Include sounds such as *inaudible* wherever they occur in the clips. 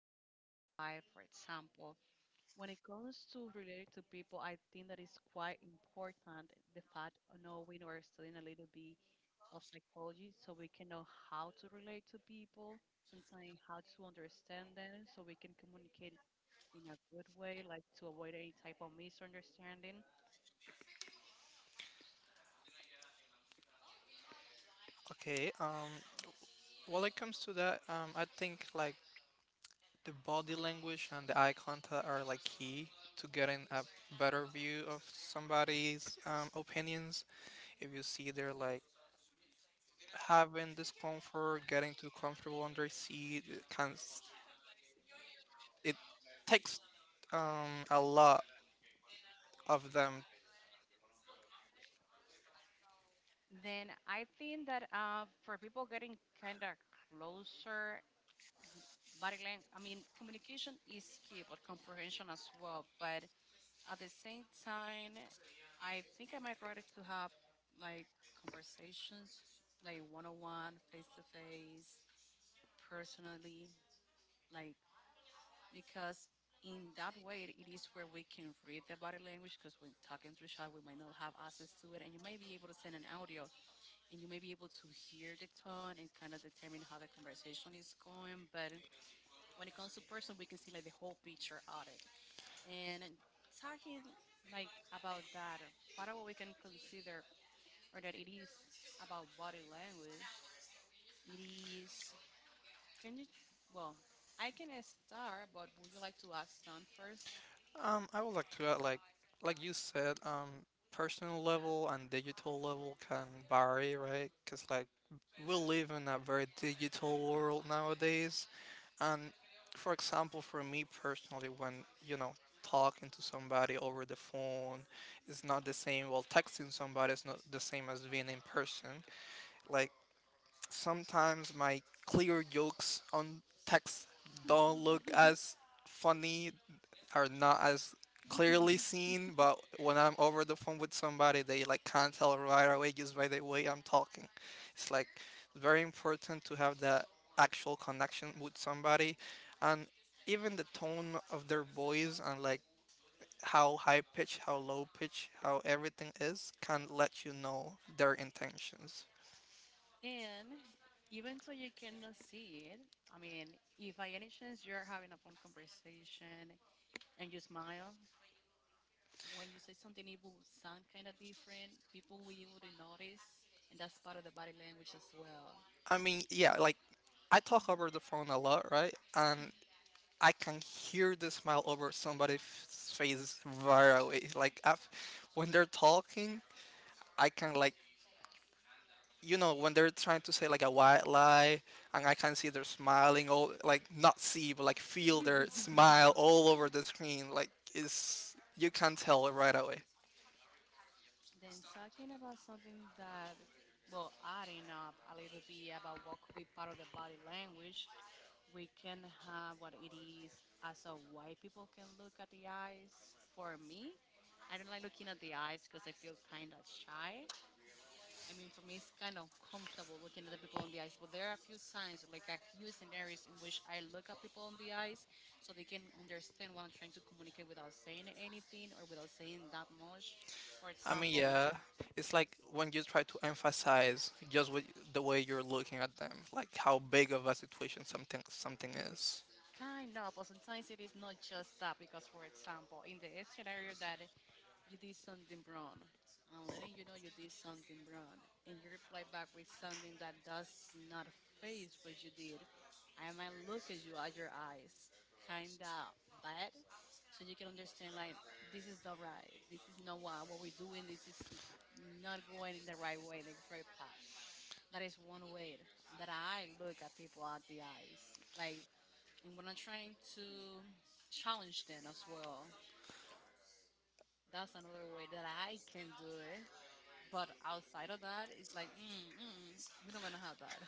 we're gonna start by, for example, when it comes to related to people, I think that is quite important the fact of knowing or studying a little bit of psychology so we can know how to relate to people, sometimes how to understand them so we can communicate in a good way, like to avoid any type of misunderstanding. Okay, well, it comes to that, I think like the body language and the eye contact are like key to getting a better view of somebody's opinions. If you see they're like having discomfort, getting too comfortable on their seat, it takes a lot of them. Then I think that for people getting kind of closer, m- body language, I mean, communication is key, but comprehension as well. But at the same time, I think I might rather to have like conversations, like one on one, face to face, personally, like because in that way it is where we can read the body language, because when talking through chat we might not have access to it, and you might be able to send an audio and you may be able to hear the tone and kind of determine how the conversation is going. But when it comes to person, we can see like the whole picture of it. And talking like about that part of what we can consider, or that it is about body language. It is can you well I can start, but would you like to ask Sun first? I would like to add, like you said, personal level and digital level can vary, right? Because like we live in a very digital world nowadays, and for example, for me personally, when talking to somebody over the phone is not the same. Well, texting somebody is not the same as being in person. Like sometimes my clear jokes on text don't look *laughs* as funny, are not as clearly seen, but when I'm over the phone with somebody, they like can't tell right away just by the way I'm talking. It's like very important to have that actual connection with somebody, and even the tone of their voice and like how high pitch, how low pitch, how everything is can let you know their intentions. And even so you cannot see it, I mean, if by any chance you're having a phone conversation and you smile, when you say something, it will sound kind of different. People will already notice, and that's part of the body language as well. I mean, yeah, like I talk over the phone a lot, right? And I can hear the smile over somebody's face right away. Like I When they're talking, I can like when they're trying to say like a white lie, and I can see they're smiling all, like not see but like feel their *laughs* smile all over the screen. Like it's, you can tell right away. Then talking about something that, well, adding up a little bit about what could be part of the body language, we can have what it is as a white people can look at the eyes. For me, I don't like looking at the eyes because I feel kind of shy. I mean, for me, it's kind of comfortable looking at the people in the eyes. But there are a few times, like a few scenarios in which I look at people in the eyes so they can understand what I'm trying to communicate without saying anything or without saying that much. For I mean, example, yeah, it's like when you try to emphasize just with the way you're looking at them, like how big of a situation something is. kind of, but sometimes it is not just that because, for example, in the scenario that you did something wrong, and letting you know you did something wrong, and you reply back with something that does not face what you did, I might look at you at your eyes, kind of bad, so you can understand like this is not right, this is not what we're doing, this is not going in the right way, the right path. That is one way that I look at people at the eyes, like, and when I'm trying to challenge them as well, that's another way that I can do it. But outside of that, it's like, we don't gonna have that.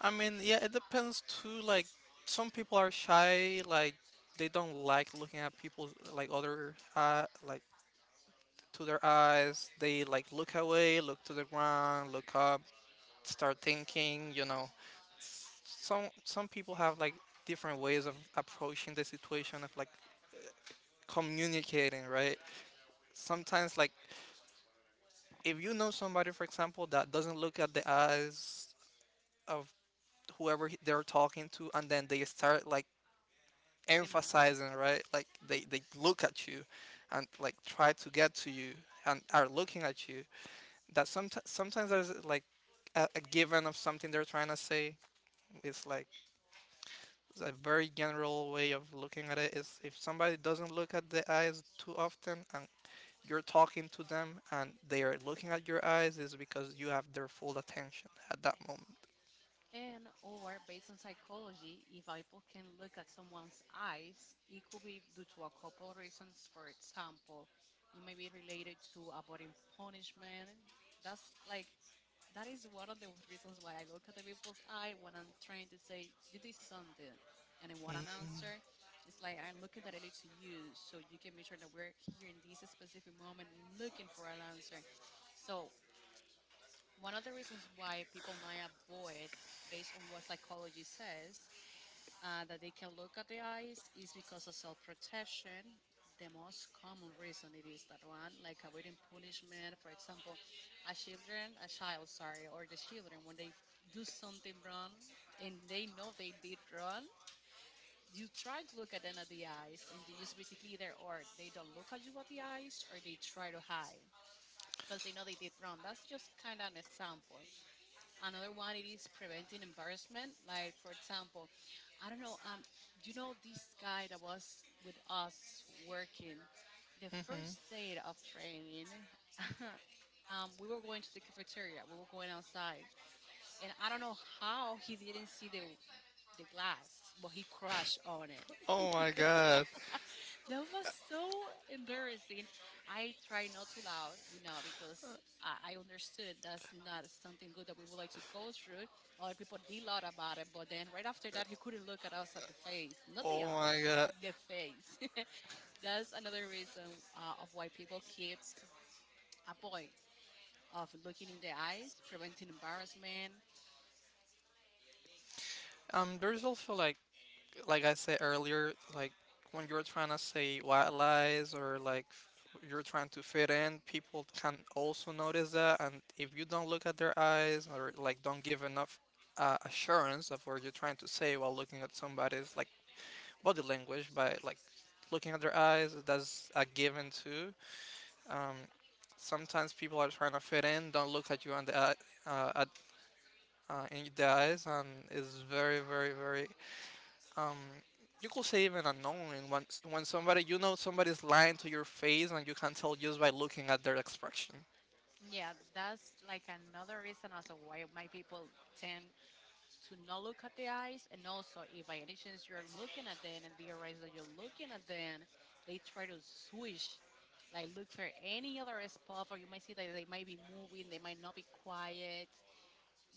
I mean, yeah, it depends too. Like, some people are shy, like, they don't like looking at people, like, other, like, to their eyes. They, like, look away, look to the ground, look up, start thinking, you know. Some people have, like, different ways of approaching the situation, of, like, communicating, right? Sometimes, like, if you know somebody, for example, that doesn't look at the eyes of they're talking to, and then they start, like, Looking around. emphasizing, right? Like they, Mhm. they look at you, and like try to get to you and are looking at you, that sometimes there's like a given of something they're trying to say. It's like it's a very general way of looking at it is if somebody doesn't look at the eyes too often and you're talking to them and they are looking at your eyes is because you have their full attention at that moment. And or based on psychology, if people can look at someone's eyes, it could be due to a couple of reasons. For example, it may be related to avoiding punishment. That's like That is one of the reasons why I look at the people's eye when I'm trying to say, you did something. And I want an Mhm. answer. It's like I'm looking directly to you so you can make sure that we're here in this specific moment looking for an answer. So, one of the reasons why people might avoid, based on what psychology says, that they can look at the eyes is because of self protection. The most common reason it is that one, like avoiding punishment, for example, a children, a child, sorry, or the children when they do something wrong and they know they did wrong, you try to look at them at the eyes, and they just basically either or they don't look at you at the eyes, or they try to hide because they know they did wrong. That's just kind of an example. Another one it is preventing embarrassment. Like for example, I don't know. You know this guy that was with us working the Mhm. first day of training. *laughs* We were going to the cafeteria. We were going outside, and I don't know how he didn't see the glass, but he crashed on it. Oh my god. *laughs* That was so embarrassing. I try not to laugh, because I understood that's not something good that we would like to go through. Other people did laugh about it, but then right after that, he couldn't look at us at the face, not Oh the eyes, my god. the face. *laughs* That's another reason of why people kept avoid of looking in the eyes, preventing embarrassment. There's also like I said earlier, like when you're trying to say white lies or you're trying to fit in, people can also notice that. And if you don't look at their eyes or like don't give enough assurance of what you're trying to say while looking at somebody's like body language by like looking at their eyes, that's a given too. Um, Sometimes people are trying to fit in, don't look at you on the eye, uh, at, in the eyes, and it's very, very, very. Um, you could say even annoying when somebody, you know, somebody's lying to your face and you can tell just by looking at their expression. Yeah, that's like another reason also why my people tend to not look at the eyes. And also, if by any chance you're looking at them and they realize that you're looking at them, they try to switch, like look for any other spot. Or you might see that they might be moving, they might not be quiet.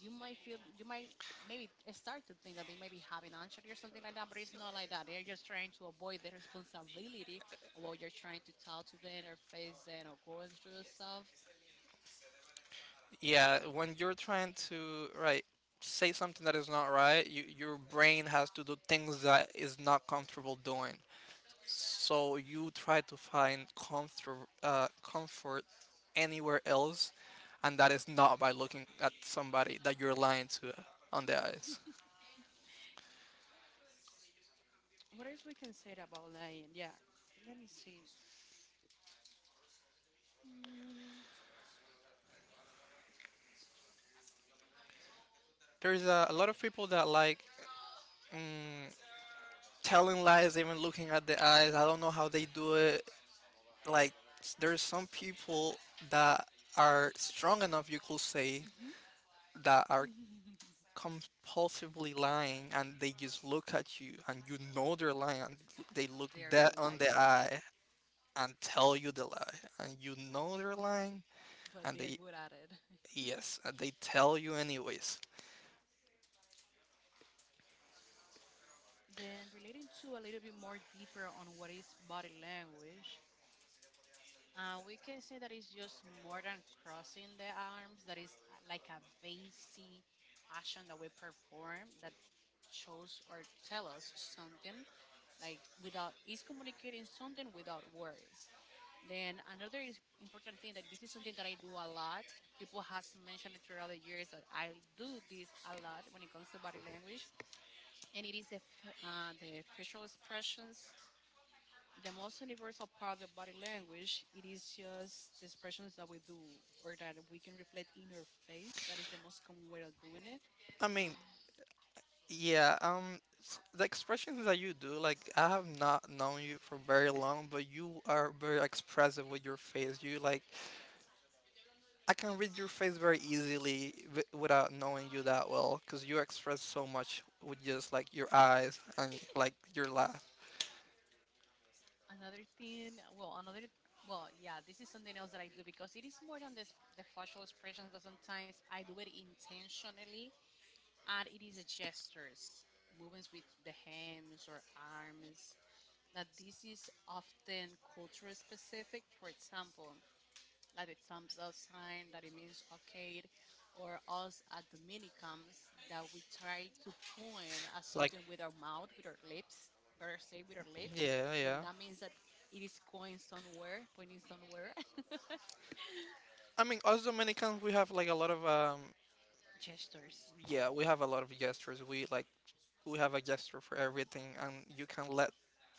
You might maybe start to think that they might be having anxiety or something like that, but it's not like that. They're just trying to avoid the responsibility of what you're trying to talk to them or face them or going through stuff. Yeah, when you're trying to right say something that is not right, you, your brain has to do things that is not comfortable doing. So you try to find comfort, comfort anywhere else, and that is not by looking at somebody that you're lying to on the eyes. What else we can say about lying? Yeah, let me see. There's a lot of people that like mm, telling lies, even looking at the eyes. I don't know how they do it. Like there's some people that are strong enough, you could say, Mhm. that are *laughs* compulsively lying, and they just look at you, and you know they're lying. They look They are dead good on the liars. eye, and tell you the lie, and you know they're lying, But and they are they, good at it. yes, and they tell you anyways. Then, relating to a little bit more deeper on what is body language, we can say that it's just more than crossing the arms, that is like a basic action that we perform that shows or tell us something, like without, is communicating something without words. Then, another is important thing that this is something that I do a lot. People has mentioned it throughout the years that I do this a lot when it comes to body language, and it is the facial expressions, the most universal part of the body language. It is just the expressions that we do or that we can reflect in our face. That is the most common way of doing it. I mean, yeah, the expressions that you do, like I have not known you for very long, but you are very expressive with your face. You like, I can read your face very easily without knowing you that well, cause you express so much with just like your eyes and like your laugh. Another thing, yeah, this is something else that I do, because it is more than the facial expressions that sometimes I do it intentionally, and it is the gestures, movements with the hands or arms. That this is often culture specific. For example, like the thumbs up sign that it means okay, or us as Dominicans that we try to point at Like something with our mouth, with our lips, better say with our lips, yeah, and yeah. that means that it is going somewhere, pointing somewhere. *laughs* I mean, us Dominicans, we have like a lot of Gestures. yeah, we have a lot of gestures. We like we have a gesture for everything, and you can let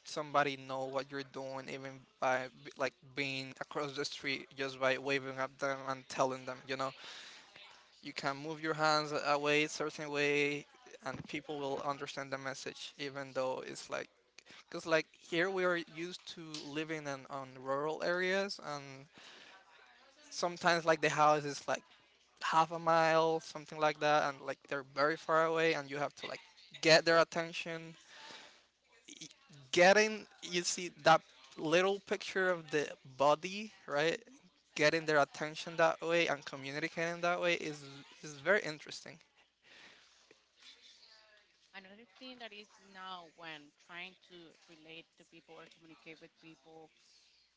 somebody know what you're doing even like being across the street just by waving at them and telling them, you know, you can move your hands away a certain way and people will understand the message even though it's like, because like here we are used to living in on rural areas and sometimes like the house is like half a mile something like that and like they're very far away and you have to like get their attention. Y- Getting, you see that little picture of the body, right, getting their attention that way and communicating that way is very interesting. Another thing that is now when trying to relate to people or communicate with people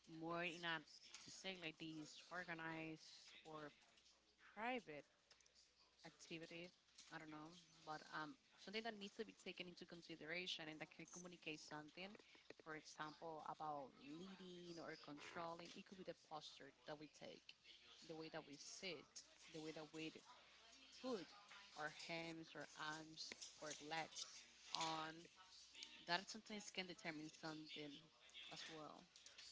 more in a, to say like this, organized or private activity. I don't know, but something that needs to be taken into consideration and that can communicate something, for example, about leading or controlling, it could be the posture that we take, the way that we sit, the way that we put our hands or arms or legs on. That sometimes can determine something as well,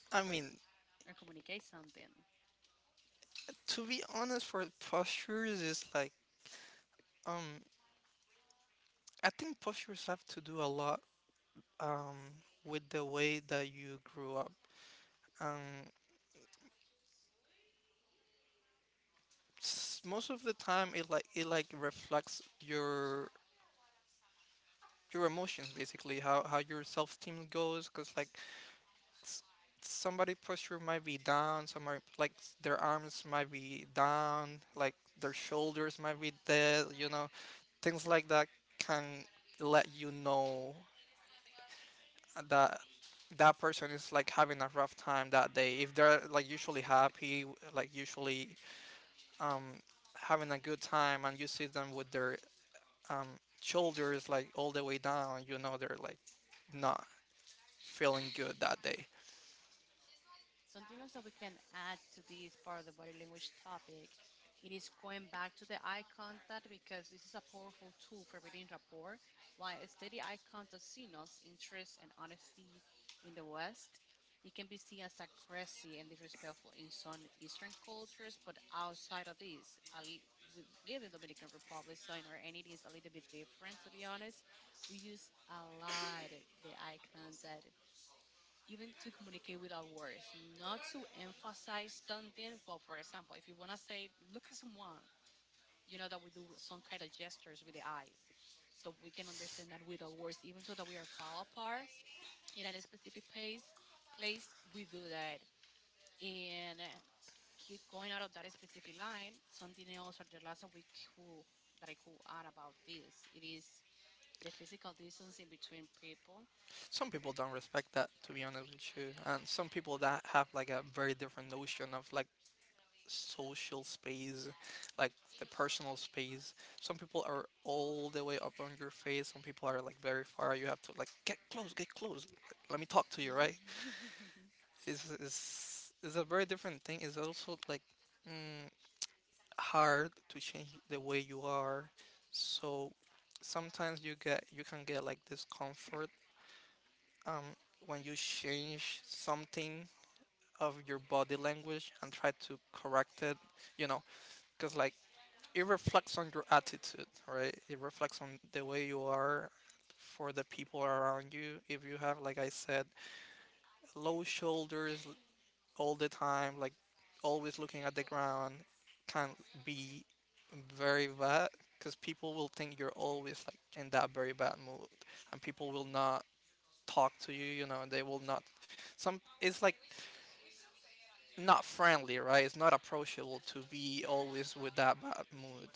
i or, mean or communicate something. To be honest, for postures is like um I think postures have to do a lot with the way that you grew up. Um Most of the time it like reflects your emotions, basically how your self-esteem goes, cuz like s- somebody posture might be down, somebody like their arms might be down, like their shoulders might be dead, you know. Things like that can let you know that that person is like having a rough time that day if they're like usually happy, like usually um having a good time and you see them with their um shoulders like all the way down, you know they're like not feeling good that day. Something else that we can add to this part of the body language topic, it is going back to the eye contact, because this is a powerful tool for building rapport. While a steady eye contact signals interest and honesty in the West, it can be seen as aggressive and disrespectful in some Eastern cultures. But outside of this, we live in Dominican Republic, so in our entity is a little bit different, to be honest. We use a lot the eye contact even to communicate without words, not to emphasize something. Well, for example, if you want to say, look at someone, that we do some kind of gestures with the eyes. So we can understand that without words, even though that we are far apart in a specific place we do that. And keep going out of that specific line, something else or the last that I could add about this, it is the physical distance in between people. Some people don't respect that, to be honest with you, and some people that have like a very different notion of like social space, like the personal space. Some people are all the way up on your face. Some people are like very far. You have to like get close, get close. Let me talk to you, right? *laughs* It's a very different thing. It's also like mm, hard to change the way you are. So sometimes you can get like discomfort um when you change something of your body language and try to correct it. You know, because like it reflects on your attitude, right? It reflects on the way you are for the people around you. If you have, like I said, low shoulders all the time, like always looking at the ground, can be very bad because people will think you're always like in that very bad mood, and people will not talk to you. You know, they will not. Some it's like not friendly, right? It's not approachable to be always with that bad mood.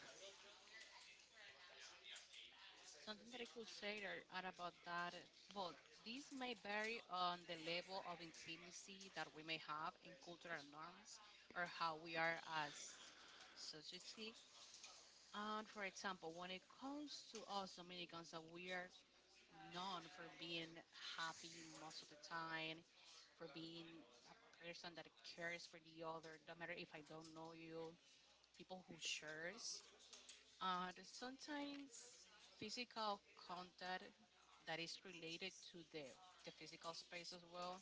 Something that I could say there are about that, well, this may vary on the level of intimacy that we may have in cultural norms, or how we are as society. And for example, when it comes to us Dominicans, that we are known for being happy most of the time, for being a person that cares for the other, no matter if I don't know you, people who shares. Sometimes physical contact that is related to the physical space as well,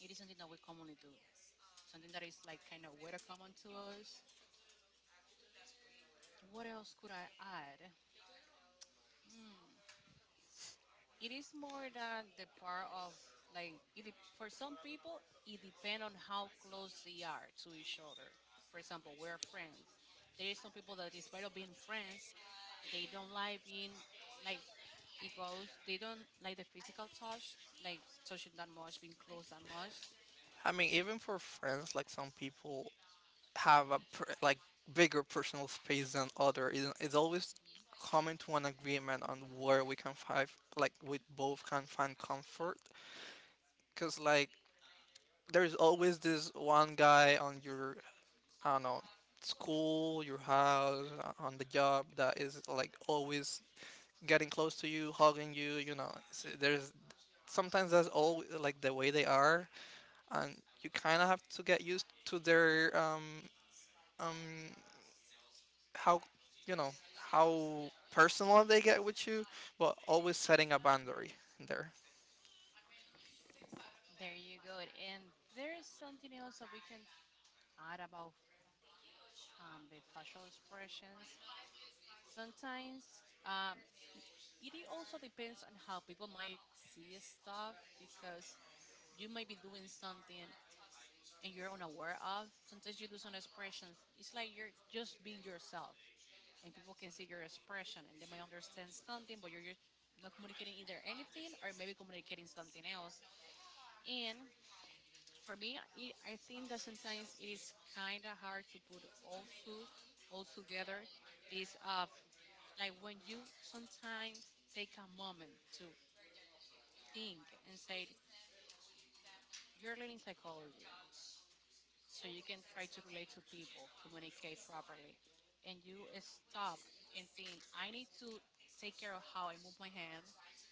it is something that we commonly do. Something that is like kind of very common to us. What else could I add? Hmm. It is more than the part of like it, for some people, it depends on how close they are to each other. For example, we're friends. There is some people that despite of being friends, they don't like being like it goes they don't like the physical touch, like touching that much, being close that much. I mean, even for friends, like some people have a per, like bigger personal space than other. It- It's always coming to an agreement on where we can find like we both can find comfort. Cause like there's always this one guy on your, I don't know, school, your house, on the job that is like always getting close to you, hugging you. You know, It's- there's sometimes that's all like the way they are, and you kind of have to get used to their um how, you know, how personal they get with you, but always setting a boundary there. There you go. And there's something else that we can add about the facial expressions. Sometimes um, it also depends on how people might see stuff because you might be doing something and you're unaware of. Sometimes you do some expressions. It's like you're just being yourself. And people can see your expression and they might understand something, but you're just not communicating either anything or maybe communicating something else. And for me, I think that sometimes it is kind of hard to put all two all together, this of like when you sometimes take a moment to think and say you're learning psychology, so you can try to relate to people, communicate properly, and you stop and think, I need to take care of how I move my hand,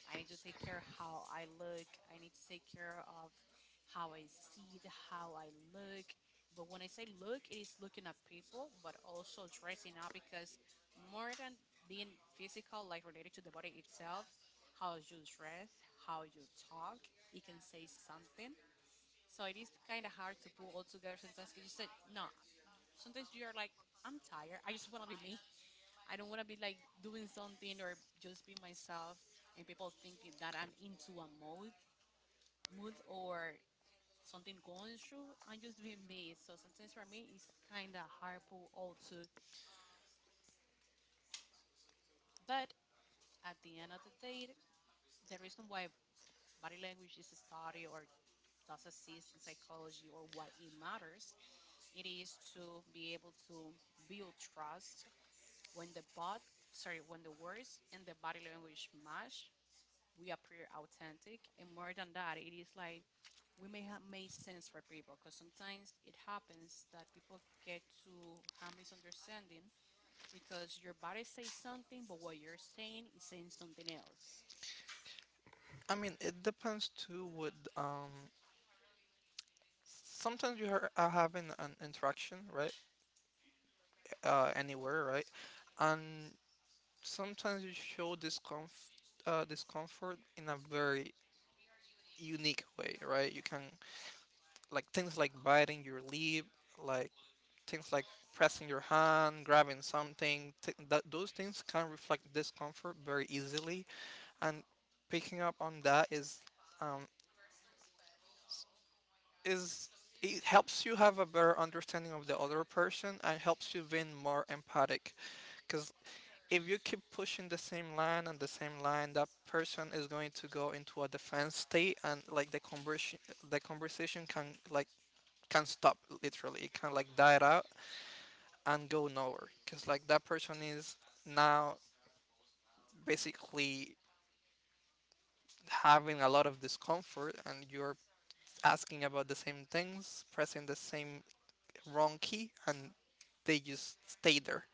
I need to take care of how I look, I need to take care of how I see, it, how I look. But when I say look, it is looking at people, but also dressing up because more than being physical, like related to the body itself, how you dress, how you talk, it can say something. So it is kind of hard to pull all together sometimes 'cause you said, no, sometimes you're like, I'm tired. I just want to be me. I don't want to be like doing something or just be myself and people thinking that I'm into a mode, mood or something going through. I'm just being me. So sometimes for me, it's kind of hard pull all to. But at the end of the day, the reason why body language is studied or does exist in psychology or what it matters, it is to be able to build trust. When the bot, sorry, when the words and the body language match, we appear authentic. And more than that, it is like we may have made sense for people because sometimes it happens that people get to have misunderstanding because your body says something, but what you're saying is saying something else. I mean, it depends too. With sometimes you are having an interaction, right? Anywhere, right? And sometimes you show discomfort in a very unique way, right? You can like things like biting your lip, like things like pressing your hand, grabbing something, that those things can reflect discomfort very easily, and picking up on that is um, is it helps you have a better understanding of the other person and helps you being more empathic. Because if you keep pushing the same line and the same line, that person is going to go into a defense state, and like the conversation can like can stop literally. It can like die out and go nowhere because like that person is now basically having a lot of discomfort and you're asking about the same things, pressing the same wrong key, and they just stay there.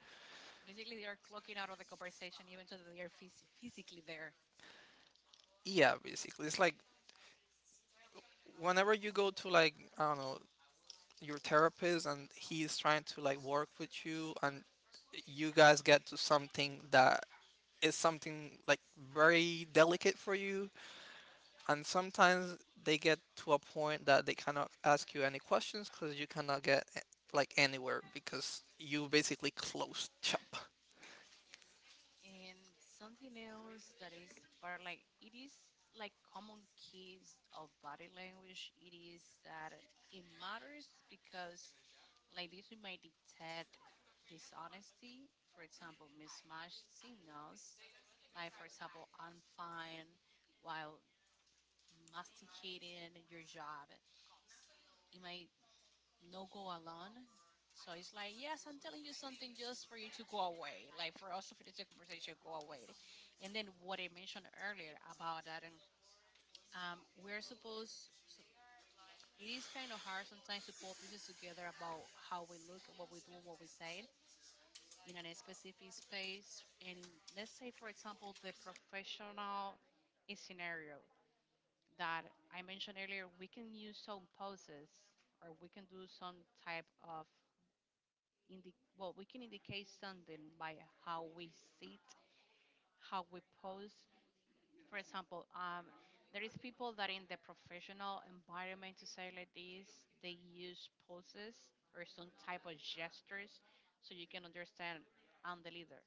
Basically, they are clocking out of the conversation even though they are physically there. Yeah, basically it's like whenever you go to like, I don't know, your therapist and he's trying to like work with you and you guys get to something that is something like very delicate for you, and sometimes they get to a point that they cannot ask you any questions because you cannot get like anywhere because you basically closed shop. And something else that is part like it is like common keys of body language. It is that it matters because like this we might detect dishonesty, for example, mismatched signals, like for example, I'm fine while masticating your job. It might no go alone. So it's like, yes, I'm telling you something just for you to go away, like for us to finish the conversation, go away. And then what I mentioned earlier about that, and we're supposed, so it is kind of hard sometimes to pull pieces together about how we look, what we do, what we say in a specific space. And in, let's say, for example, the professional scenario that I mentioned earlier, we can use some poses or we can do some type of well, we can indicate something by how we sit, how we pose. For example, there is people that in the professional environment to say like this, they use poses or some type of gestures so you can understand I'm the leader,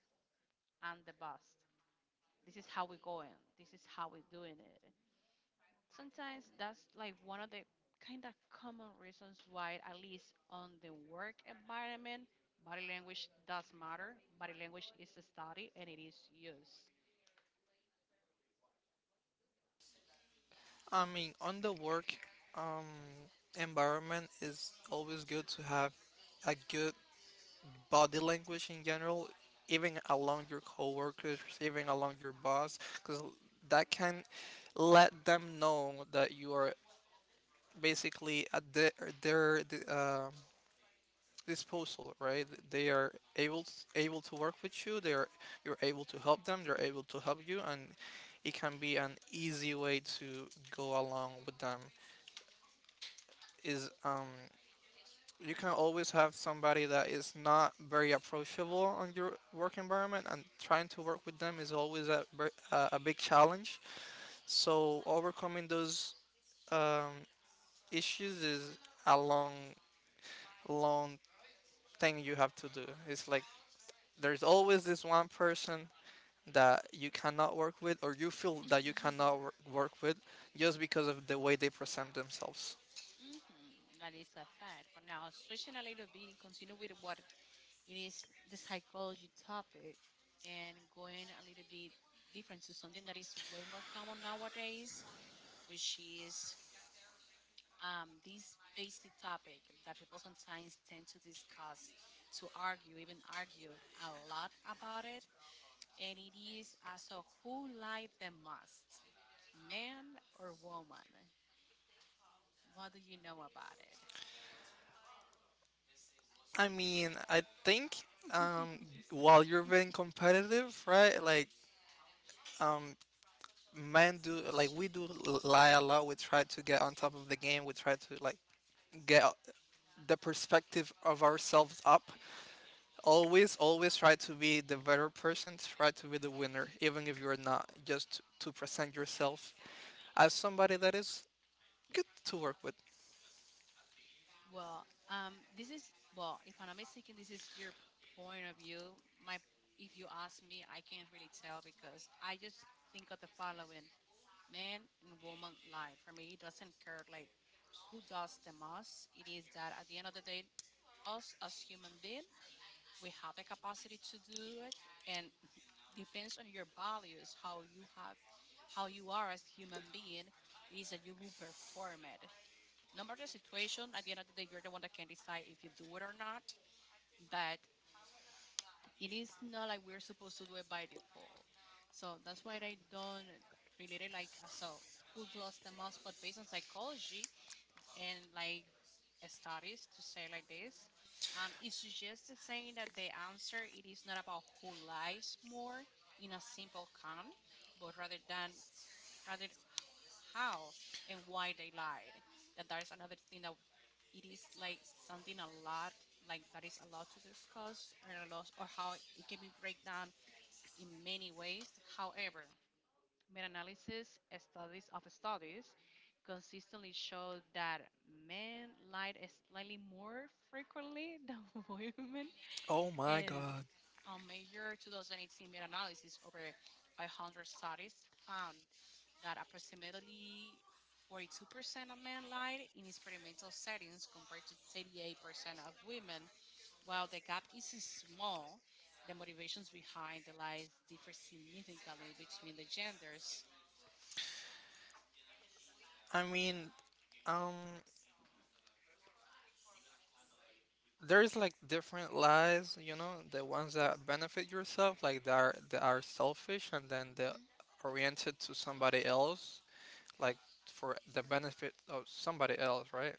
I'm the boss. This is how we're going. This is how we're doing it. Sometimes that's like one of the kind of common reasons why, at least on the work environment, body language does matter. Body language is studied and it is used. I mean, on the work um, environment is always good to have a good body language in general, even along your coworkers, even along your boss, because that can let them know that you are basically at their disposal, right? They are able to work with you. They are you're able to help them. They're able to help you, and it can be an easy way to go along with them. Is you can always have somebody that is not very approachable on your work environment, and trying to work with them is always a ver- a big challenge. So overcoming those um, issues is a long thing you have to do. It's like there's always this one person that you cannot work with or you feel that you cannot *laughs* work with just because of the way they present themselves. Mhm. That is a fact. But now switching a little bit, continue with what it is the psychology topic, and going a little bit different to something that is way more common nowadays, which is this basic topic that people sometimes tend to discuss, to argue, even argue a lot about it, and it is as so who lied the most, man or woman? What do you know about it? I mean, I think um, *laughs* while you're being competitive, right? Like um, men do, like we do lie a lot. We try to get on top of the game, we try to like get the perspective of ourselves up, always try to be the better person, try to be the winner even if you're not, just to present yourself as somebody that is good to work with. Well, this is well, if I'm not mistaken, this is your point of view. My, if you ask me, I can't really tell because I just think of the following. Man and woman life. For me, it doesn't care like who does the most. It is that at the end of the day, us as human being, we have the capacity to do it, and depends on your values, how you have, how you are as human being. It is that you will perform it. No matter the situation, at the end of the day, you're the one that can decide if you do it or not. But it is not like we're supposed to do it by default. So that's why I don't relate it like as a who lost the most, but based on psychology and like studies to say like this, it suggests the saying that the answer it is not about who lies more in a simple count, but rather how and why they lied. That is another thing that it is like something a lot like that is a lot to discuss and a lot or how it can be break down in many ways. However, meta analysis studies of studies consistently show that men lied slightly more frequently than *laughs* women. Oh my And god. a major 2018 meta analysis over 500 studies found that approximately 42% of men lied in experimental settings compared to 38% of women. While the gap is small, the motivations behind the lies differ significantly between the genders. I mean, um there's like different lies, you know, the ones that benefit yourself, like that are selfish, and then they're Hmm. oriented to somebody else, like for the benefit of somebody else, right?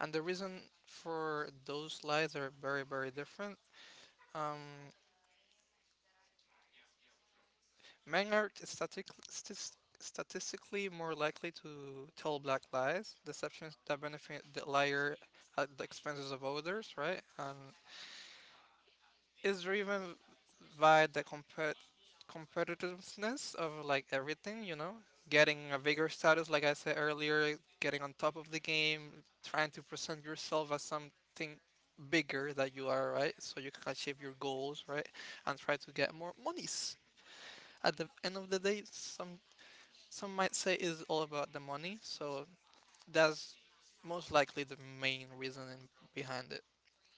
And the reason for those lies are very, very different. Um Men is static, stis- statistically more likely to tell black lies, deceptions that benefit the liar at the expenses of others, right? And is driven by the competitiveness of like everything, you know, getting a bigger status, like I said earlier, getting on top of the game, trying to present yourself as something bigger that you are, right? So you can achieve your goals, right? And try to get more monies. At the end of the day, some might say it's all about the money, so that's most likely the main reason behind it.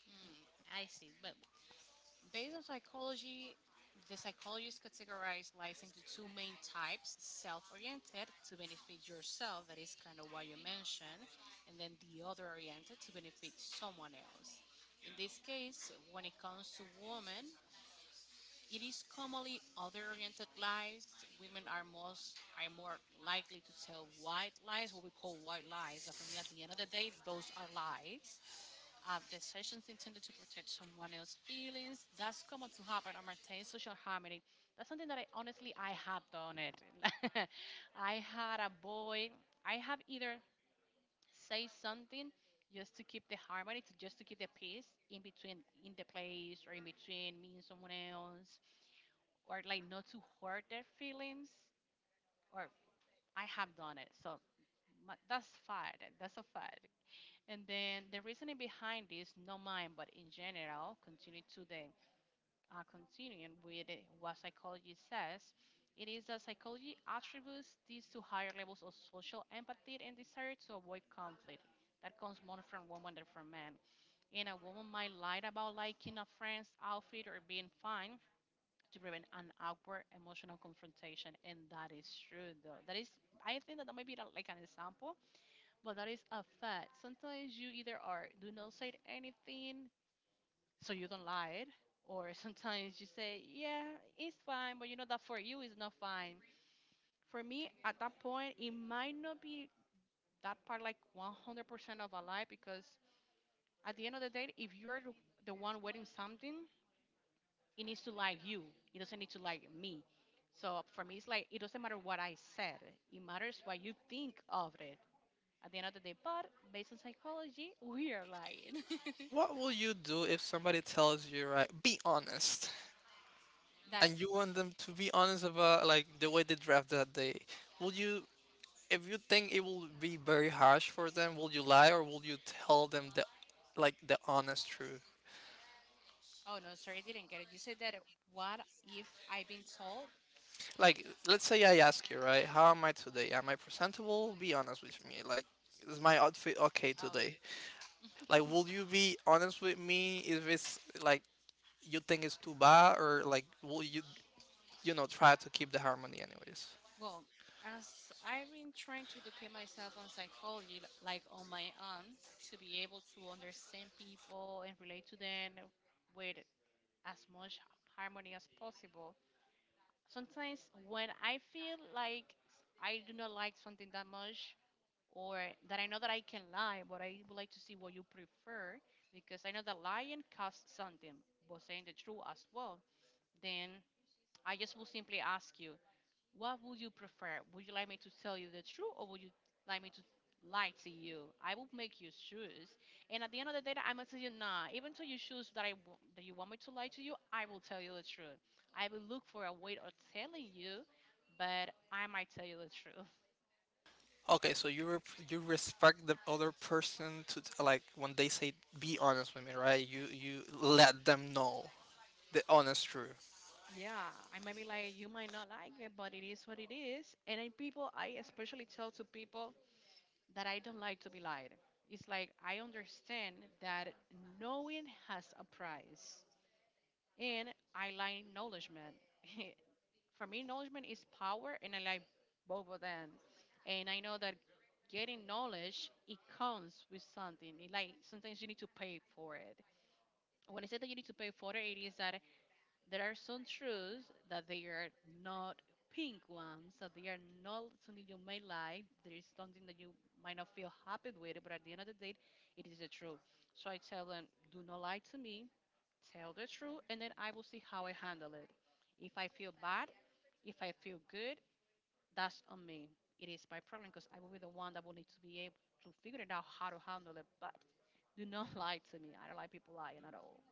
Hmm, I see. But based on psychology, the psychologists categorize lies into two main types: self oriented to benefit yourself, that is kind of what you mentioned, and then the other oriented to benefit someone else. In this case, when it comes to women, it is commonly other-oriented lies. Women are most are more likely to tell white lies, what we call white lies. And for me, at the end of the day, those are lies. The sessions intended to protect someone else's feelings. That's common to happen and maintain social harmony. That's something that I honestly I have done it. *laughs* I had a boy. I have either say something just to keep the harmony, to just to keep the peace in between in the place or in between me and someone else or like not to hurt their feelings or I have done it so my, that's fine, that's a fact. And then the reasoning behind this not mine but in general continue to the continuing with what psychology says it is that psychology attributes these to higher levels of social empathy and desire to avoid conflict that comes more from women than from men, and a woman might lie about liking a friend's outfit or being fine to prevent an awkward emotional confrontation. And that is true, though. That is, I think that, that might be the- like an example, but that is a fact. Sometimes you either are do not say anything, so you don't lie, it, or *laughs* sometimes you say, yeah, it's fine, but you know that for you is not fine. For me, at that point, it might not be that part like 100% of a lie because at the end of the day, if you're the one wearing something, it needs to like you. It doesn't need to like me. So for me, it's like it doesn't matter what I said. It matters what you think of it at the end of the day. But based on psychology, *laughs* we are lying. *laughs* What will you do if somebody tells you, right, be honest, That. and you want them to be honest about like the way they draft that day? Will you, if you think it will be very harsh for them, will you lie or will you tell them the like the honest truth? Oh no, sorry, I didn't get it. You said that. What if I've been told? Like, let's say I ask you, right, how am I today? Am I presentable? Be honest with me. Like, is my outfit okay Oh today? Like, will you be honest with me if it's like you think it's too bad, or like will you, you know, try to keep the harmony anyways? well, as I've been trying to educate myself on psychology, like on my own, to be able to understand people and relate to them with as much harmony as possible. Sometimes when I feel like I do not like something that much, or that I know that I can lie, but I would like to see what you prefer because I know that lying costs something, but saying the truth as well, then I just will simply ask you what would you prefer? Would you like me to tell you the truth or would you like me to lie to you? I will make you choose. And at the end of the day, I'm gonna tell you nah. Even to you choose that I that you want me to lie to you, I will tell you the truth. I will look for a way of telling you, but I might tell you the truth. Okay, so you respect the other person to like when they say be honest with me, right? You let them know the honest truth. Yeah, I might be like you might not like it, but it is what it is. And I people, I especially tell to people that I don't like to be lied. It's like I understand that knowing has a price. And I like acknowledgement. *laughs* For me, acknowledgement is power, and I like both of them. And I know that getting knowledge it comes with something. Like sometimes you need to pay for it. When I say that you need to pay for it, it is that there are some truths that they are not pink ones, that they are not something you may like. There is something that you might not feel happy with, but at the end of the day, it is the truth. So I tell them, do not lie to me, tell the truth, and then I will see how I handle it. If I feel bad, if I feel good, that's on me. It is my problem because I will be the one that will need to be able to figure it out how to handle it. But do not *laughs* lie to me. I don't like people lying at all.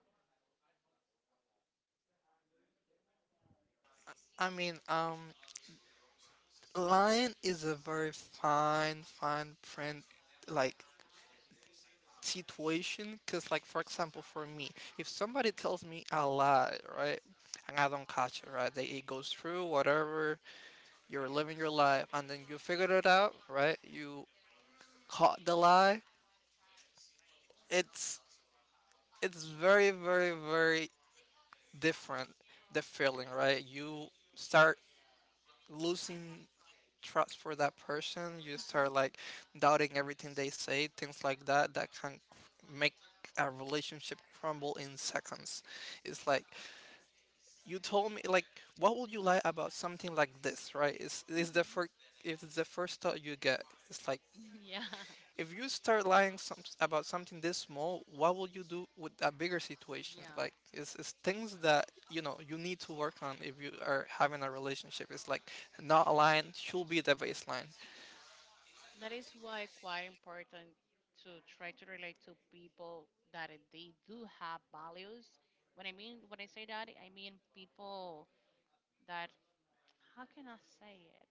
I mean, lying is a very fine print, like, situation, because like for example for me, if somebody tells me a lie, right, and I don't catch it, right, it goes through, whatever, you're living your life, and then you figured it out, right, you caught the lie, it's it's very different, the feeling, right? You start losing trust for that person, you Mm-hmm. start like doubting everything they say, things like that that can make a relationship crumble in seconds. It's like, you told me, like, what would you lie about something like this, right? it's, it's the Mm-hmm. first if it's the first thought you get, it's like, *laughs* Yeah. if you start about something this small, what will you do with a bigger situation? Yeah. Like, it's things that you know you need to work on if you are having a relationship. It's like not lying should be the baseline. That is why quite important to try to relate to people that they do have values. When I say that, I mean people that how can I say it?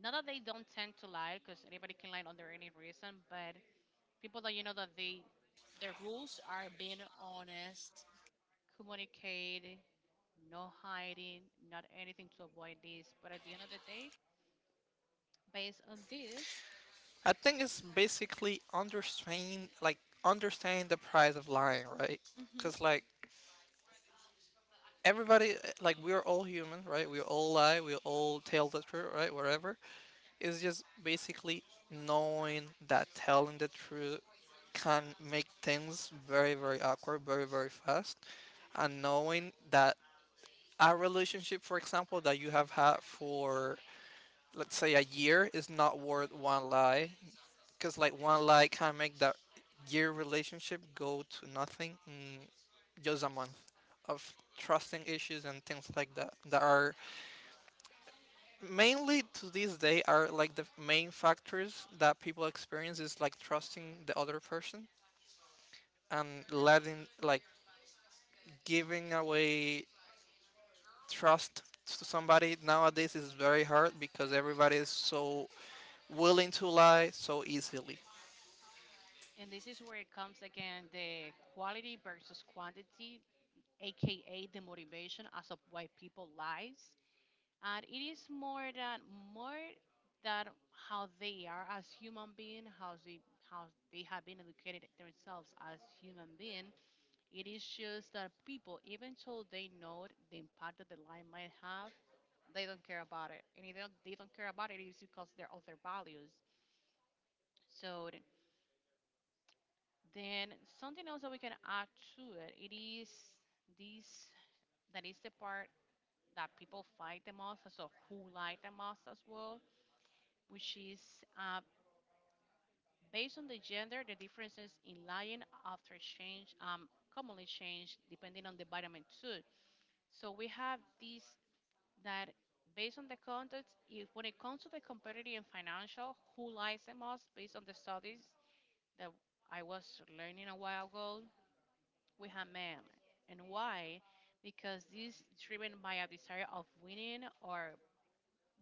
Not that they don't tend to lie, because anybody can lie under any reason, but people that you know that they their rules are being honest, communicate, no hiding, not anything to avoid this. But at the end of the day, based on this, I think it's basically understanding the price of lying, right? hmm Because like everybody, like we're all human, right, we all lie, we all tell the truth, right, whatever, it's just basically knowing that telling the truth can make things very awkward very fast, and knowing that a relationship, for example, that you have had for, let's say, a year is not worth one lie, because like one lie can make that year relationship go to nothing in just a month of trusting issues, and things like that that are mainly to this day are like the main factors that people experience, is like trusting the other person and letting like giving away trust to somebody nowadays is very hard because everybody is so willing to lie so easily. and this is where it comes again the quality versus quantity, aka the motivation as of why people lies. And it is more than more than how they are as human being, how they have been educated themselves as human being. It is just that people, even though they know the impact that the lie might have, they don't care about it. And if they don't, they don't care about it, it's because they're of their values. So then something else that we can add to it, it is this that is the part that people fight the most, so who lie the most as well, which is uh, based on the gender, the differences in lying after change commonly change depending on the vitamin too. So we have this that based on the context, if when it comes to the competitive and financial, who lies the most based on the studies that I was learning a while ago, we have men. And why? Because this is driven by a desire of winning or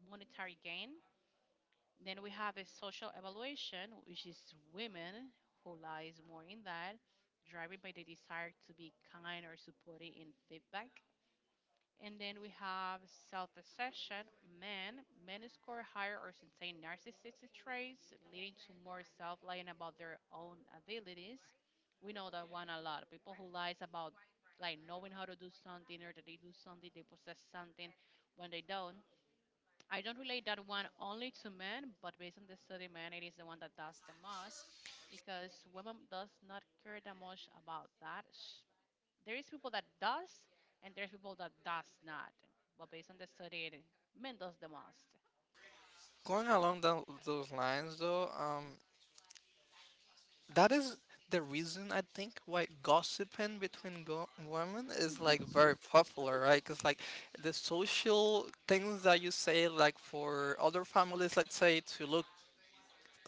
monetary gain. Then we have a social evaluation, which is women who lies more in that, driven by the desire to be kind or supported in feedback. And then we have self-obsession. Men score higher or sustain narcissistic traits, leading to more self-lying about their own abilities. We know that one a lot. People who lies about like knowing how to do something or that they do something, they possess something when they don't. I don't relate that one only to men, but based on the study, man, it is the one that does the most because women does not care that much about that there is people that does and there's people that does not. But based on the study, men does the most. Going along those lines though, that is the reason I think why gossiping between women is like very popular, right? Because like the social things that you say, like for other families, let's say, to look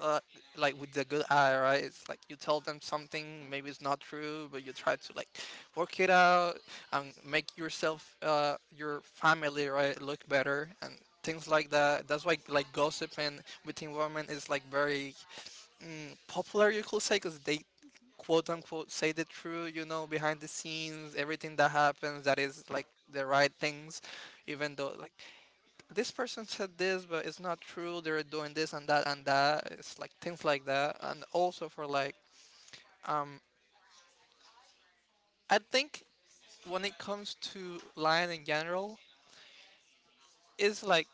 uh, like with the good eye, right? It's like you tell them something, maybe it's not true, but you try to like work it out and make yourself, your family, right, look better, and things like that. That's why like gossiping between women is like very popular, you could say, because they quote unquote say the truth, you know, behind the scenes, everything that happens, that is like the right things, even though like this person said this but it's not true, they're doing this and that and that. It's like things like that. And also for like um I think when it comes to lying in general, it's like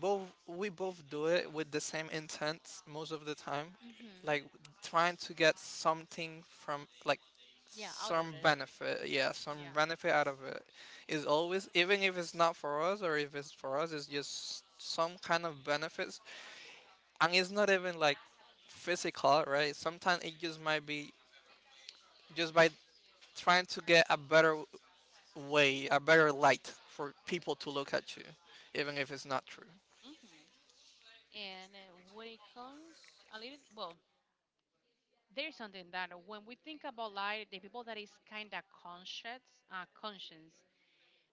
both, we both do it with the same intent most of the time, Hmm. like trying to get something, from like Yeah, out of some it. benefit, yeah, some Yeah. benefit out of it is always, even if it's not for us or if it's for us, it's just some kind of benefits. And it's not even like physical, right, sometimes it just might be just by trying to get a better way, a better light for people to look at you, even if it's not true. Hmm. And when it comes a little, well, there's something that when we think about life, the people that is kind of conscious, conscious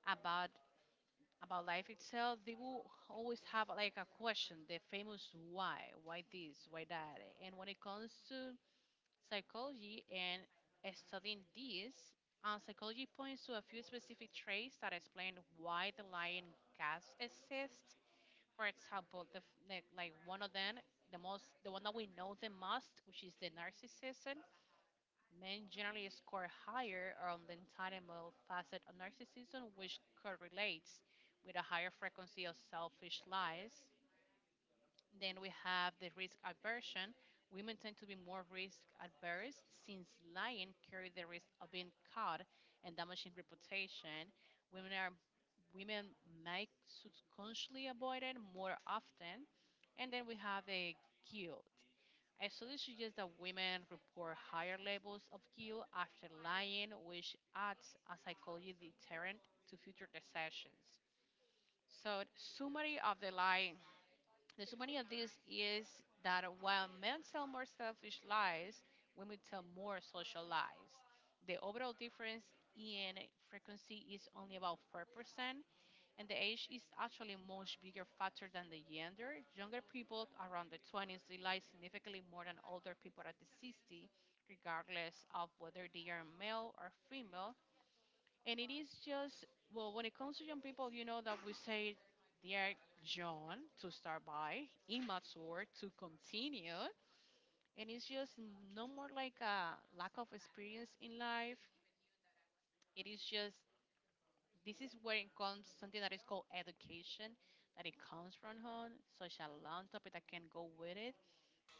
about life itself, they will always have like a question, the famous why this, why that. And when it comes to psychology and studying this, psychology points to a few specific traits that explain why the lion gas exists. For example, like one of them, the most, the one that we know the most, which is the narcissism, men generally score higher on the entitlement facet of narcissism, which correlates with a higher frequency of selfish lies. Then we have the risk aversion. Women tend to be more risk adverse since lying carries the risk of being caught and damaging reputation. Women are women might subconsciously avoid it more often. And then we have the guilt. A study suggests that women report higher levels of guilt after lying, which acts as a psychological deterrent to future deceptions. So, summary of the lie the souvenir of this is that while men tell more selfish lies, women tell more social lies. The overall difference in frequency is only about 4%, and the age is actually much bigger factor than the gender. Younger people around the 20s, they lie significantly more than older people at the 60, regardless of whether they are male or female, and it is just, well, when it comes to young people, you know that we say they are young to start by, immature to continue. And it's just no more like a lack of experience in life. It is just, this is where it comes something that is called education, that it comes from home, such a long topic that can go with it.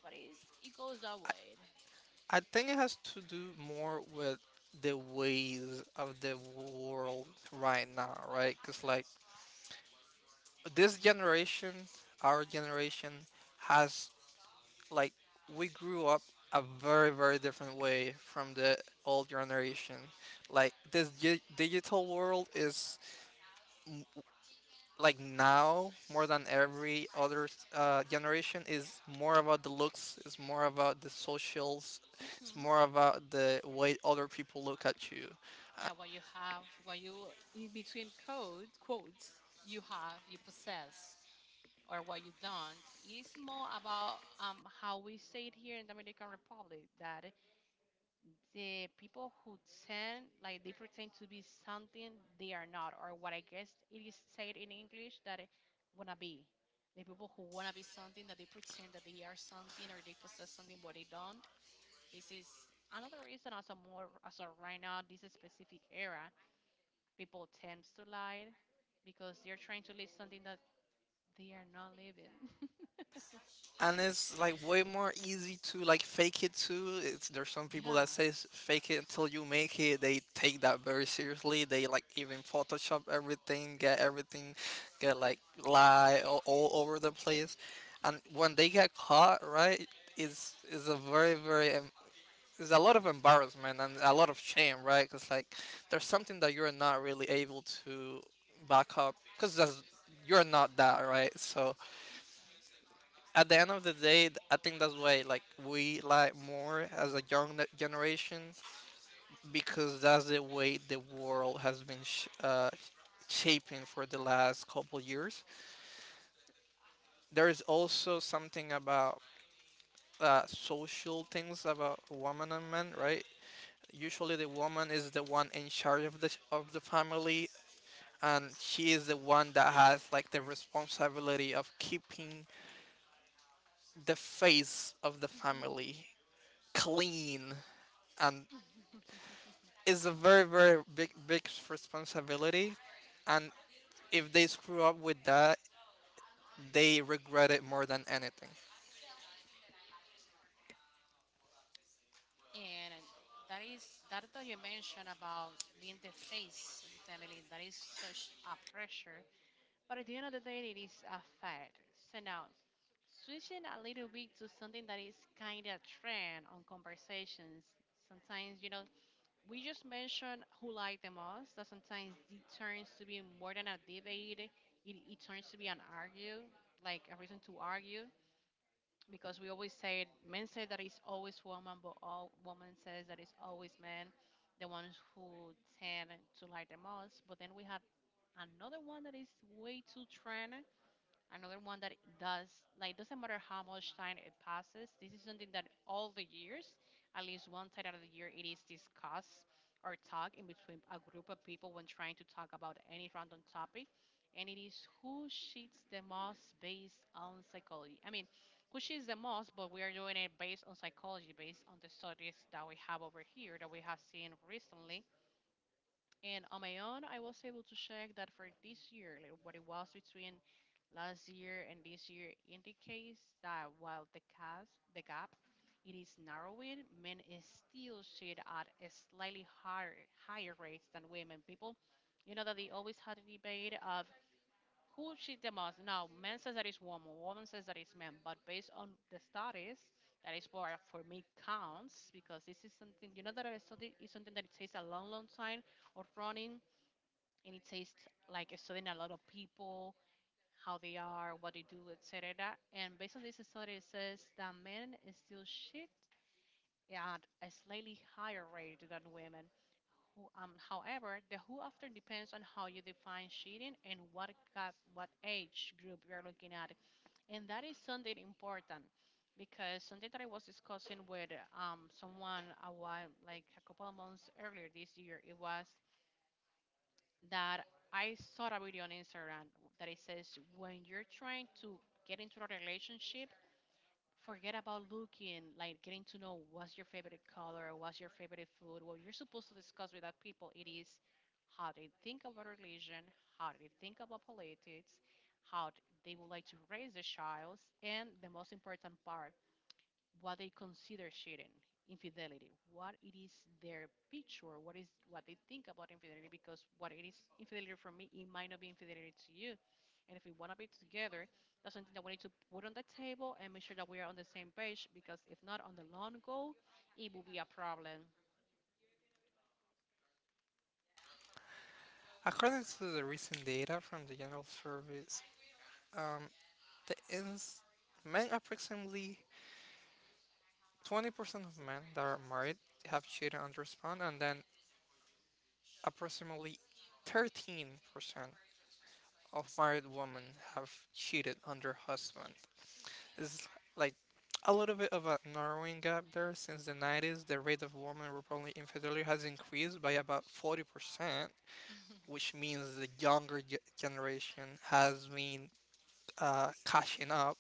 But it goes that way. I think it has to do more with the ways of the world right now, right? Because like this generation, our generation, has like, we grew up a very very different way from the old generation. Like this digital world is like now, more than every other generation, is more about the looks, it's more about the socials, it's more Hmm. about the way other people look at you. uh, Yeah, what you have, what you, in between code, quotes, you have, you possess. Or what you don't is more about how we say it here in the Dominican Republic that the people who tend like they pretend to be something they are not or what I guess it is said in English that wanna be the people who wanna be something that they pretend that they are something or they possess something but they don't this is another reason also more also right now this specific era people tend to lie because they're trying to live something that they are not living. *laughs* and it's like way more easy to like fake it too. It's there's some people that Yeah. says fake it until you make it, they take that very seriously, they like even photoshop everything, get everything, get like lie all over the place, and when they get caught, right, is a very very there's a lot of embarrassment and a lot of shame, right? Because like there's something that you're not really able to back up because you're not that, right? So at the end of the day, I think that's why like we like more as a young generation, because that's the way the world has been shaping for the last couple years. There is also something about social things about women and men, right? Usually the woman is the one in charge of the family, and she is the one that has like the responsibility of keeping the face of the Hmm. family clean, and *laughs* it's a very very big responsibility, and if they screw up with that, they regret it more than anything. And that is that that you mentioned about being the face of the family. That is such a pressure, but at the end of the day, it is a fact. So now, switching a little bit to something that is kind of trend on conversations. Sometimes you know we just mention who like the most. That sometimes it turns to be more than a debate. It turns to be an argue, like a reason to argue. Because we always say men say that it's always woman, but all woman says that it's always men, the ones who tend to lie the most. But then we have another one that is way too trend, another one that does like doesn't matter how much time it passes. This is something that all the years, at least one time out of the year, it is discussed or talked in between a group of people when trying to talk about any random topic, and it is who cheats the most based on psychology. I mean, who cheats the most, but we are doing it based on psychology, based on the studies that we have over here that we have seen recently and on my own, I was able to check that for this year, like what it was between last year and this year indicates that while the gap, the gap it is narrowing, men is still sit at a slightly higher rates than women. People, you know that they always had a debate of who cheat the most. Now, men says that it's woman, woman says that it's men, but based on the studies, that is what for me counts because this is something you know that I study is something that it takes a long, long time of running and it says like studying a lot of people, how they are, what they do, etc. And based on this study, it says that men still cheat at a slightly higher rate than women. However, the who often depends on how you define cheating and what age group you're looking at, and that is something important because something that I was discussing with someone a while, like a couple of months earlier this year, it was that I saw a video on Instagram that it says when you're trying to get into a relationship, forget about looking, like getting to know what's your favorite color, what's your favorite food. What you're supposed to discuss with that people, it is how they think about religion, how they think about politics, how they would like to raise their child, and the most important part, what they consider cheating, infidelity, what it is their picture, what is what they think about infidelity, because what it is infidelity for me, it might not be infidelity to you. And if we want to be together, that's something that we need to put on the table and make sure that we are on the same page. Because if not, on the long goal, it will be a problem. According to the recent data from the general service, um, the ins men, approximately 20% of men that are married have cheated on their spouse, and then approximately 13% of married women have cheated on their husband. It's like a little bit of a narrowing gap there. Since the 90s, the rate of women reporting infidelity has increased by about 40%, which *laughs* means the younger generation has been cashing Stable. up.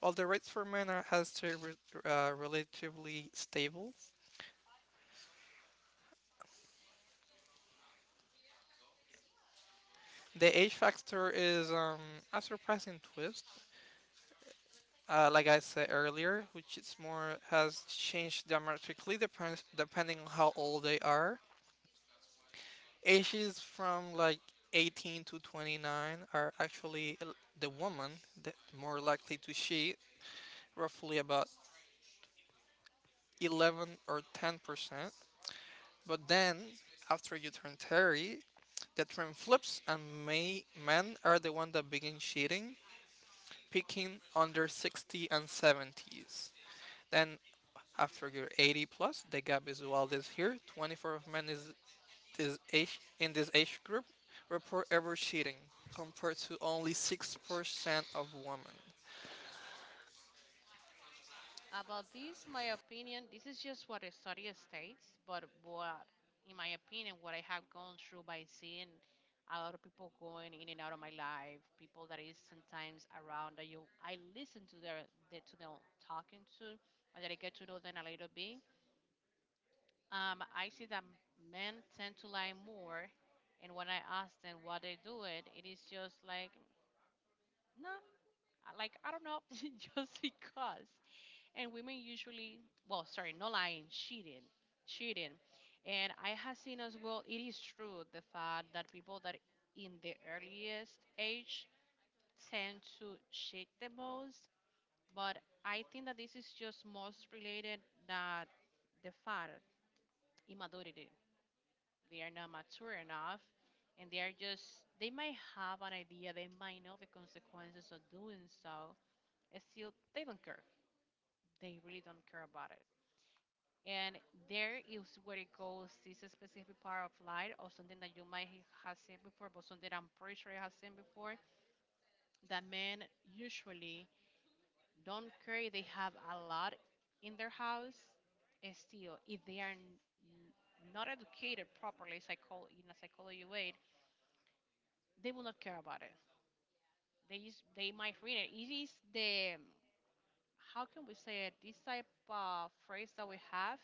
While the rates for men are, has stayed relatively stable, the age factor is a surprising twist. Like I said earlier, which is more, has changed dramatically, depends depending on how old they are. Ages from like 18 to 29 are actually the woman that more likely to cheat, roughly about 11 or 10%. But then, after you turn 30, the trend flips and men are the one that begin cheating, peaking under 60 and 70s. Then after your 80 plus, the gap is wildest here. 24 of men is this age, in this age group, report ever cheating, compared to only 6% of women. About this, my opinion, this is just what the study states, but what, in my opinion, what I have gone through by seeing a lot of people going in and out of my life, people that is sometimes around that you, I listen to their, to them talking to, or that I get to know them a little bit. I see that men tend to lie more, and when I ask them what they do it, it is just like, no, nah, like I don't know, *laughs* just because. And women usually, well, sorry, no lying, cheating. And I have seen as well, it is true the fact that people that in the earliest age tend to cheat the most. But I think that this is just most related that the fact immaturity. They are not mature enough and they are just they might have an idea, they might know the consequences of doing so, and still they don't care. They really don't care about it. And there is where it goes this specific part of light or something that you might have seen before, but something that I'm pretty sure you have seen before, that men usually don't care if they have a lot in their house, and still if they are n- n- not educated properly, in a psychology way, they will not care about it. They just they might read it. It is the, how can we say it, this type of phrase that we have,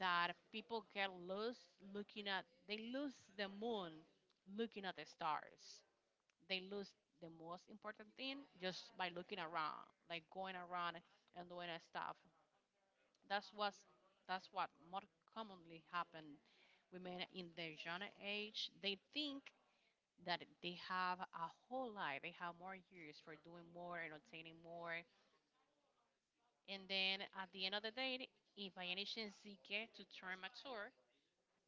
that people get lost looking at, they lose the moon looking at the stars. They lose the most important thing just by looking around, like going around and doing that stuff. That's what's that's what more commonly happen. Women in their young age, they think that they have a whole life, they have more years for doing more and obtaining more. And then at the end of the day, if by any chance they get to turn mature,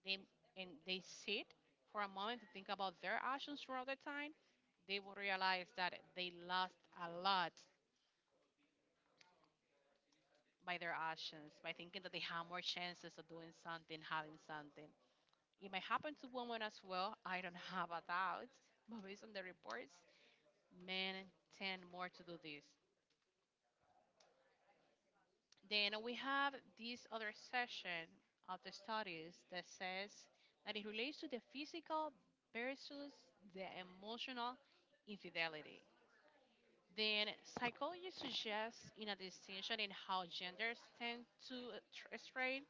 they and they sit for a moment to think about their actions throughout the time, they will realize that they lost a lot by their actions, by thinking that they have more chances of doing something, having something. It might happen to women as well. I don't *laughs* have a doubt, but based on the reports, men tend more to do this. Then we have this other section of the studies that says that it relates to the physical versus the emotional infidelity. Then psychology suggests in a distinction in how genders tend to stray.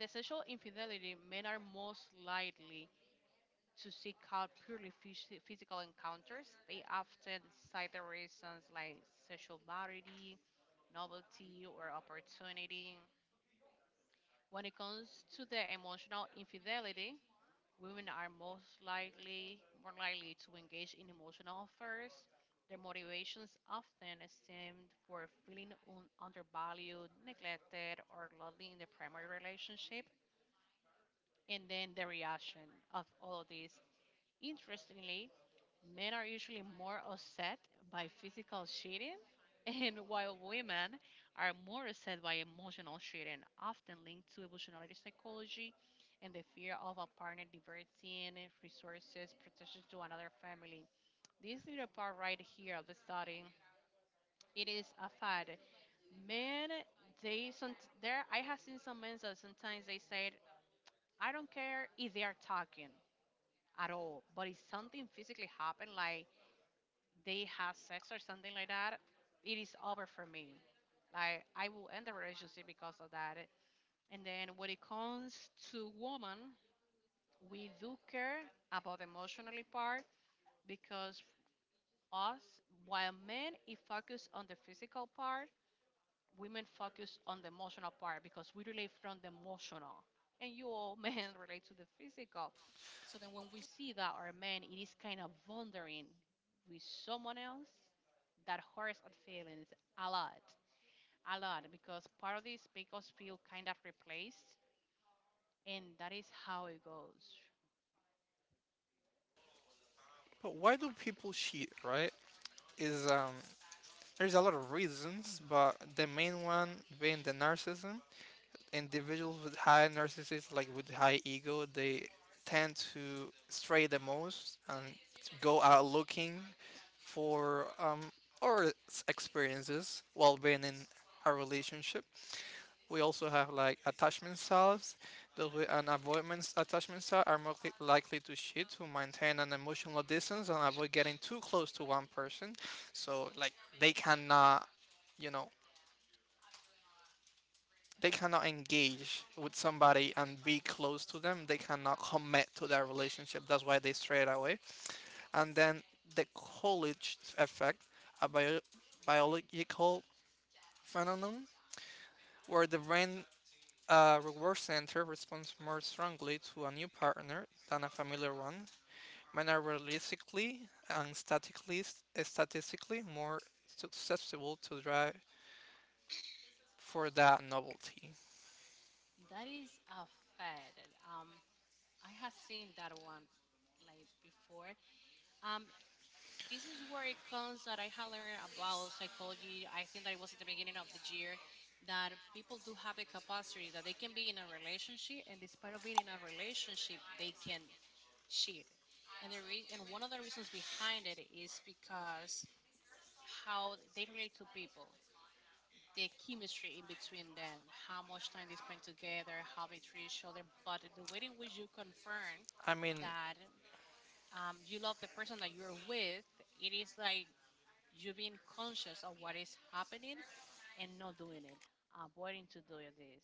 The sexual infidelity, men are most likely to seek out purely physical encounters. They often cite the reasons like sexual variety, novelty, or opportunity. When it comes to the emotional infidelity, women are most likely more likely to engage in emotional affairs. Their motivations often stemmed for feeling undervalued, neglected, or lonely in the primary relationship, and then the reaction of all of this. Interestingly, men are usually more upset by physical cheating, *laughs* and while women are more upset by emotional cheating, often linked to evolutionary psychology and the fear of a partner diverting resources, protection to another family. This little part right here of the study, it is a fact. Men, they some there. I have seen some men that sometimes they said, "I don't care if they are talking." At all, but if something physically happened, like they have sex or something like that, it is over for me. Like I will end the relationship because of that. And then when it comes to woman, we do care about the emotionally part, because us, while men it focus on the physical part, women focus on the emotional part because we relate from the emotional. And you all *laughs* men relate to the physical. So then when we see that our man it is kind of wandering with someone else, that hurts our feelings a lot, a lot, because part of this make us feel kind of replaced, and that is how it goes. But why do people cheat, right? Is there's a lot of reasons, but the main one being the narcissism. Individuals with high narcissists, like with high ego, they tend to stray the most and go out looking for experiences while being in a relationship. We also have like attachment styles. Those with an avoidance attachment style are more likely to cheat, to maintain an emotional distance, and avoid getting too close to one person. So like they cannot, you know, they cannot engage with somebody and be close to them. They cannot commit to their relationship. That's why they strayed away. And then the college effect, a biological phenomenon where the brain reward center responds more strongly to a new partner than a familiar one. Men are realistically and statistically more susceptible to drive for that novelty. That is a fact. Um, I have seen that one like before. Um, this is where it comes that I had learned about psychology. I think that it was at the beginning of the year that people do have the capacity that they can be in a relationship, and despite of being in a relationship, they can cheat. And one of the reasons behind it is because how they relate to people, the chemistry in between them, how much time they spend together, how they treat each other, but the way in which you confirm I mean, that you love the person that you're with, it is like you being conscious of what is happening and not doing it, avoiding to do this.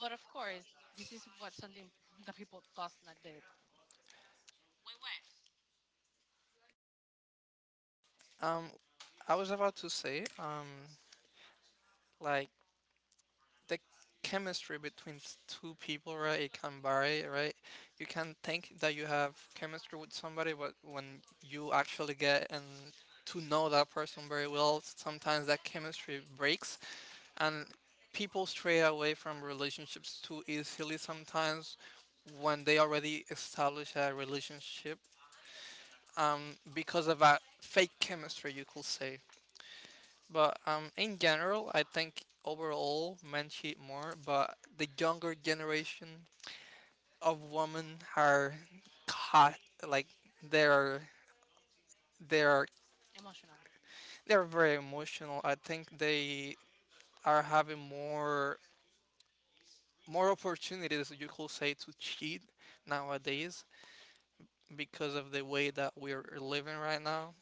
But of course, this is what something *laughs* that people does not do. Um, I was about to say, like the chemistry between two people, right, it can vary, right? You can think that you have chemistry with somebody, but when you actually get and to know that person very well, sometimes that chemistry breaks, and people stray away from relationships too easily sometimes when they already establish a relationship, um, because of that fake chemistry, you could say. But in general, I think overall men cheat more, but the younger generation of women are caught, like they're they're Emotional. they're very emotional. I think they are having more opportunities, you could say, to cheat nowadays because of the way that we're living right now.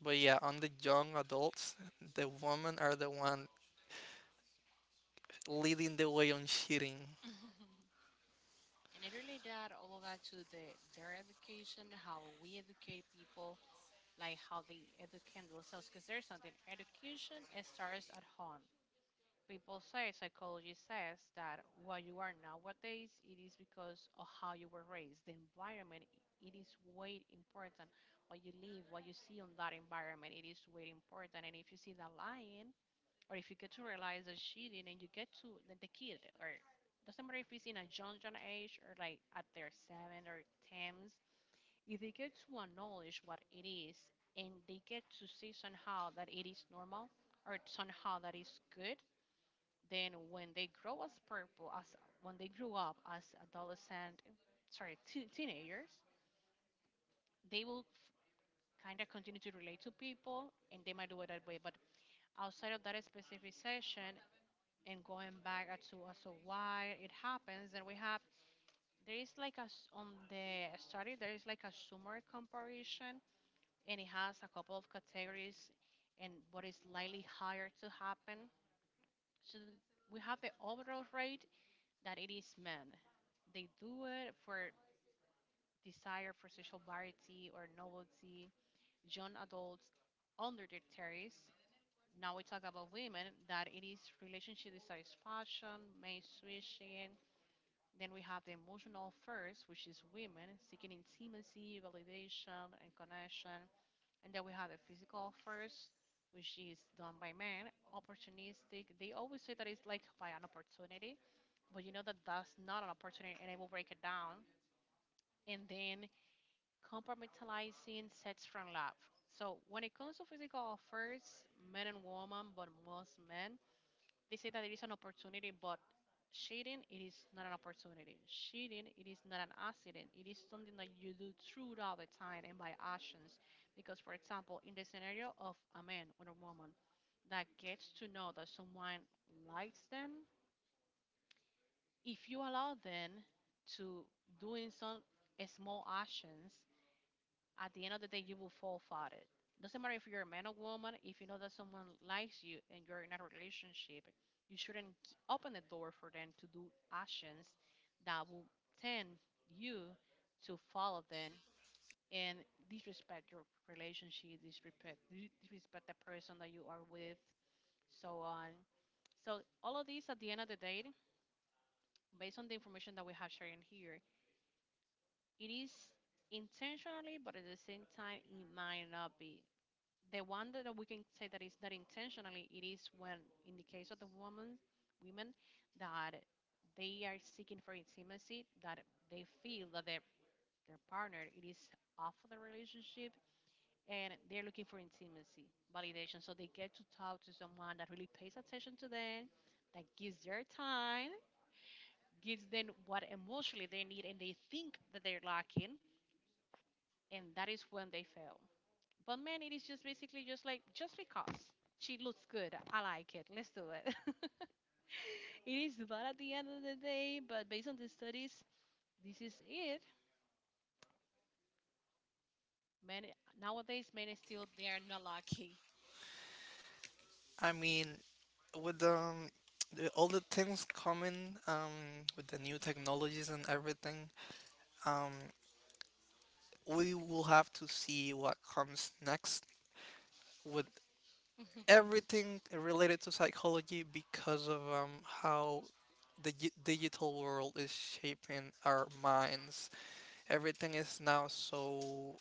But yeah, on the young adults, the women are the one leading the way on cheating. *laughs* And I really that all of that to the their education, how we educate people, like how they educate themselves. Because there's something, education it starts at home. People say, psychology says, that what you are nowadays it is because of how you were raised. The environment it is way important. What you live, what you see on that environment it is way important. And if you see the lion, or if you get to realize that she did and you get to the kid, or doesn't matter if it's in a young age, or like at their seven or tens, if they get to acknowledge what it is, and they get to see somehow that it is normal or somehow that is good, then when they grow as purple as, when they grew up as adolescent, sorry, teenagers, they will kind of continue to relate to people and they might do it that way. But outside of that specific session, and going back as to why it happens, then we have, there is like on the study there is like a summary comparison, and it has a couple of categories and what is likely higher to happen. So we have the overall rate that it is men. They do it for desire for social variety or novelty. Young adults under their terrace. Now we talk about women that it is relationship dissatisfaction, mate switching. Then we have the emotional first, which is women seeking intimacy, validation, and connection. And then we have the physical first, which is done by men, opportunistic. They always say that it's like by an opportunity, but you know that that's not an opportunity, and I will break it down. And then compartmentalizing sex from love. So when it comes to physical affairs, men and women, but most men, they say that it is an opportunity, but cheating it is not an opportunity. Cheating it is not an accident. It is something that you do throughout the time and by actions. Because, for example, in the scenario of a man or a woman that gets to know that someone likes them, if you allow them to doing some small actions, at the end of the day, you will fall for it. Doesn't matter if you're a man or woman, if you know that someone likes you and you're in a relationship, you shouldn't open the door for them to do actions that will tend you to follow them and disrespect your relationship, disrespect, disrespect the person that you are with, so on. So all of these at the end of the day, based on the information that we have sharing here, it is intentionally, but at the same time, it might not be. The one that we can say that is that intentionally it is when, in the case of the woman, women that they are seeking for intimacy, that they feel that their partner it is off of the relationship and they're looking for intimacy, validation, so they get to talk to someone that really pays attention to them, that gives their time, gives them what emotionally they need and they think that they're lacking, and that is when they fail. But man, it is just basically just because she looks good, I like it. Let's do it. *laughs* It is bad at the end of the day, but based on the studies, this is it. Men nowadays, men still they are not lucky. I mean, with the, all the things coming with the new technologies and everything, um we will have to see what comes next with *laughs* everything related to psychology, because of how the digital world is shaping our minds. Everything is now so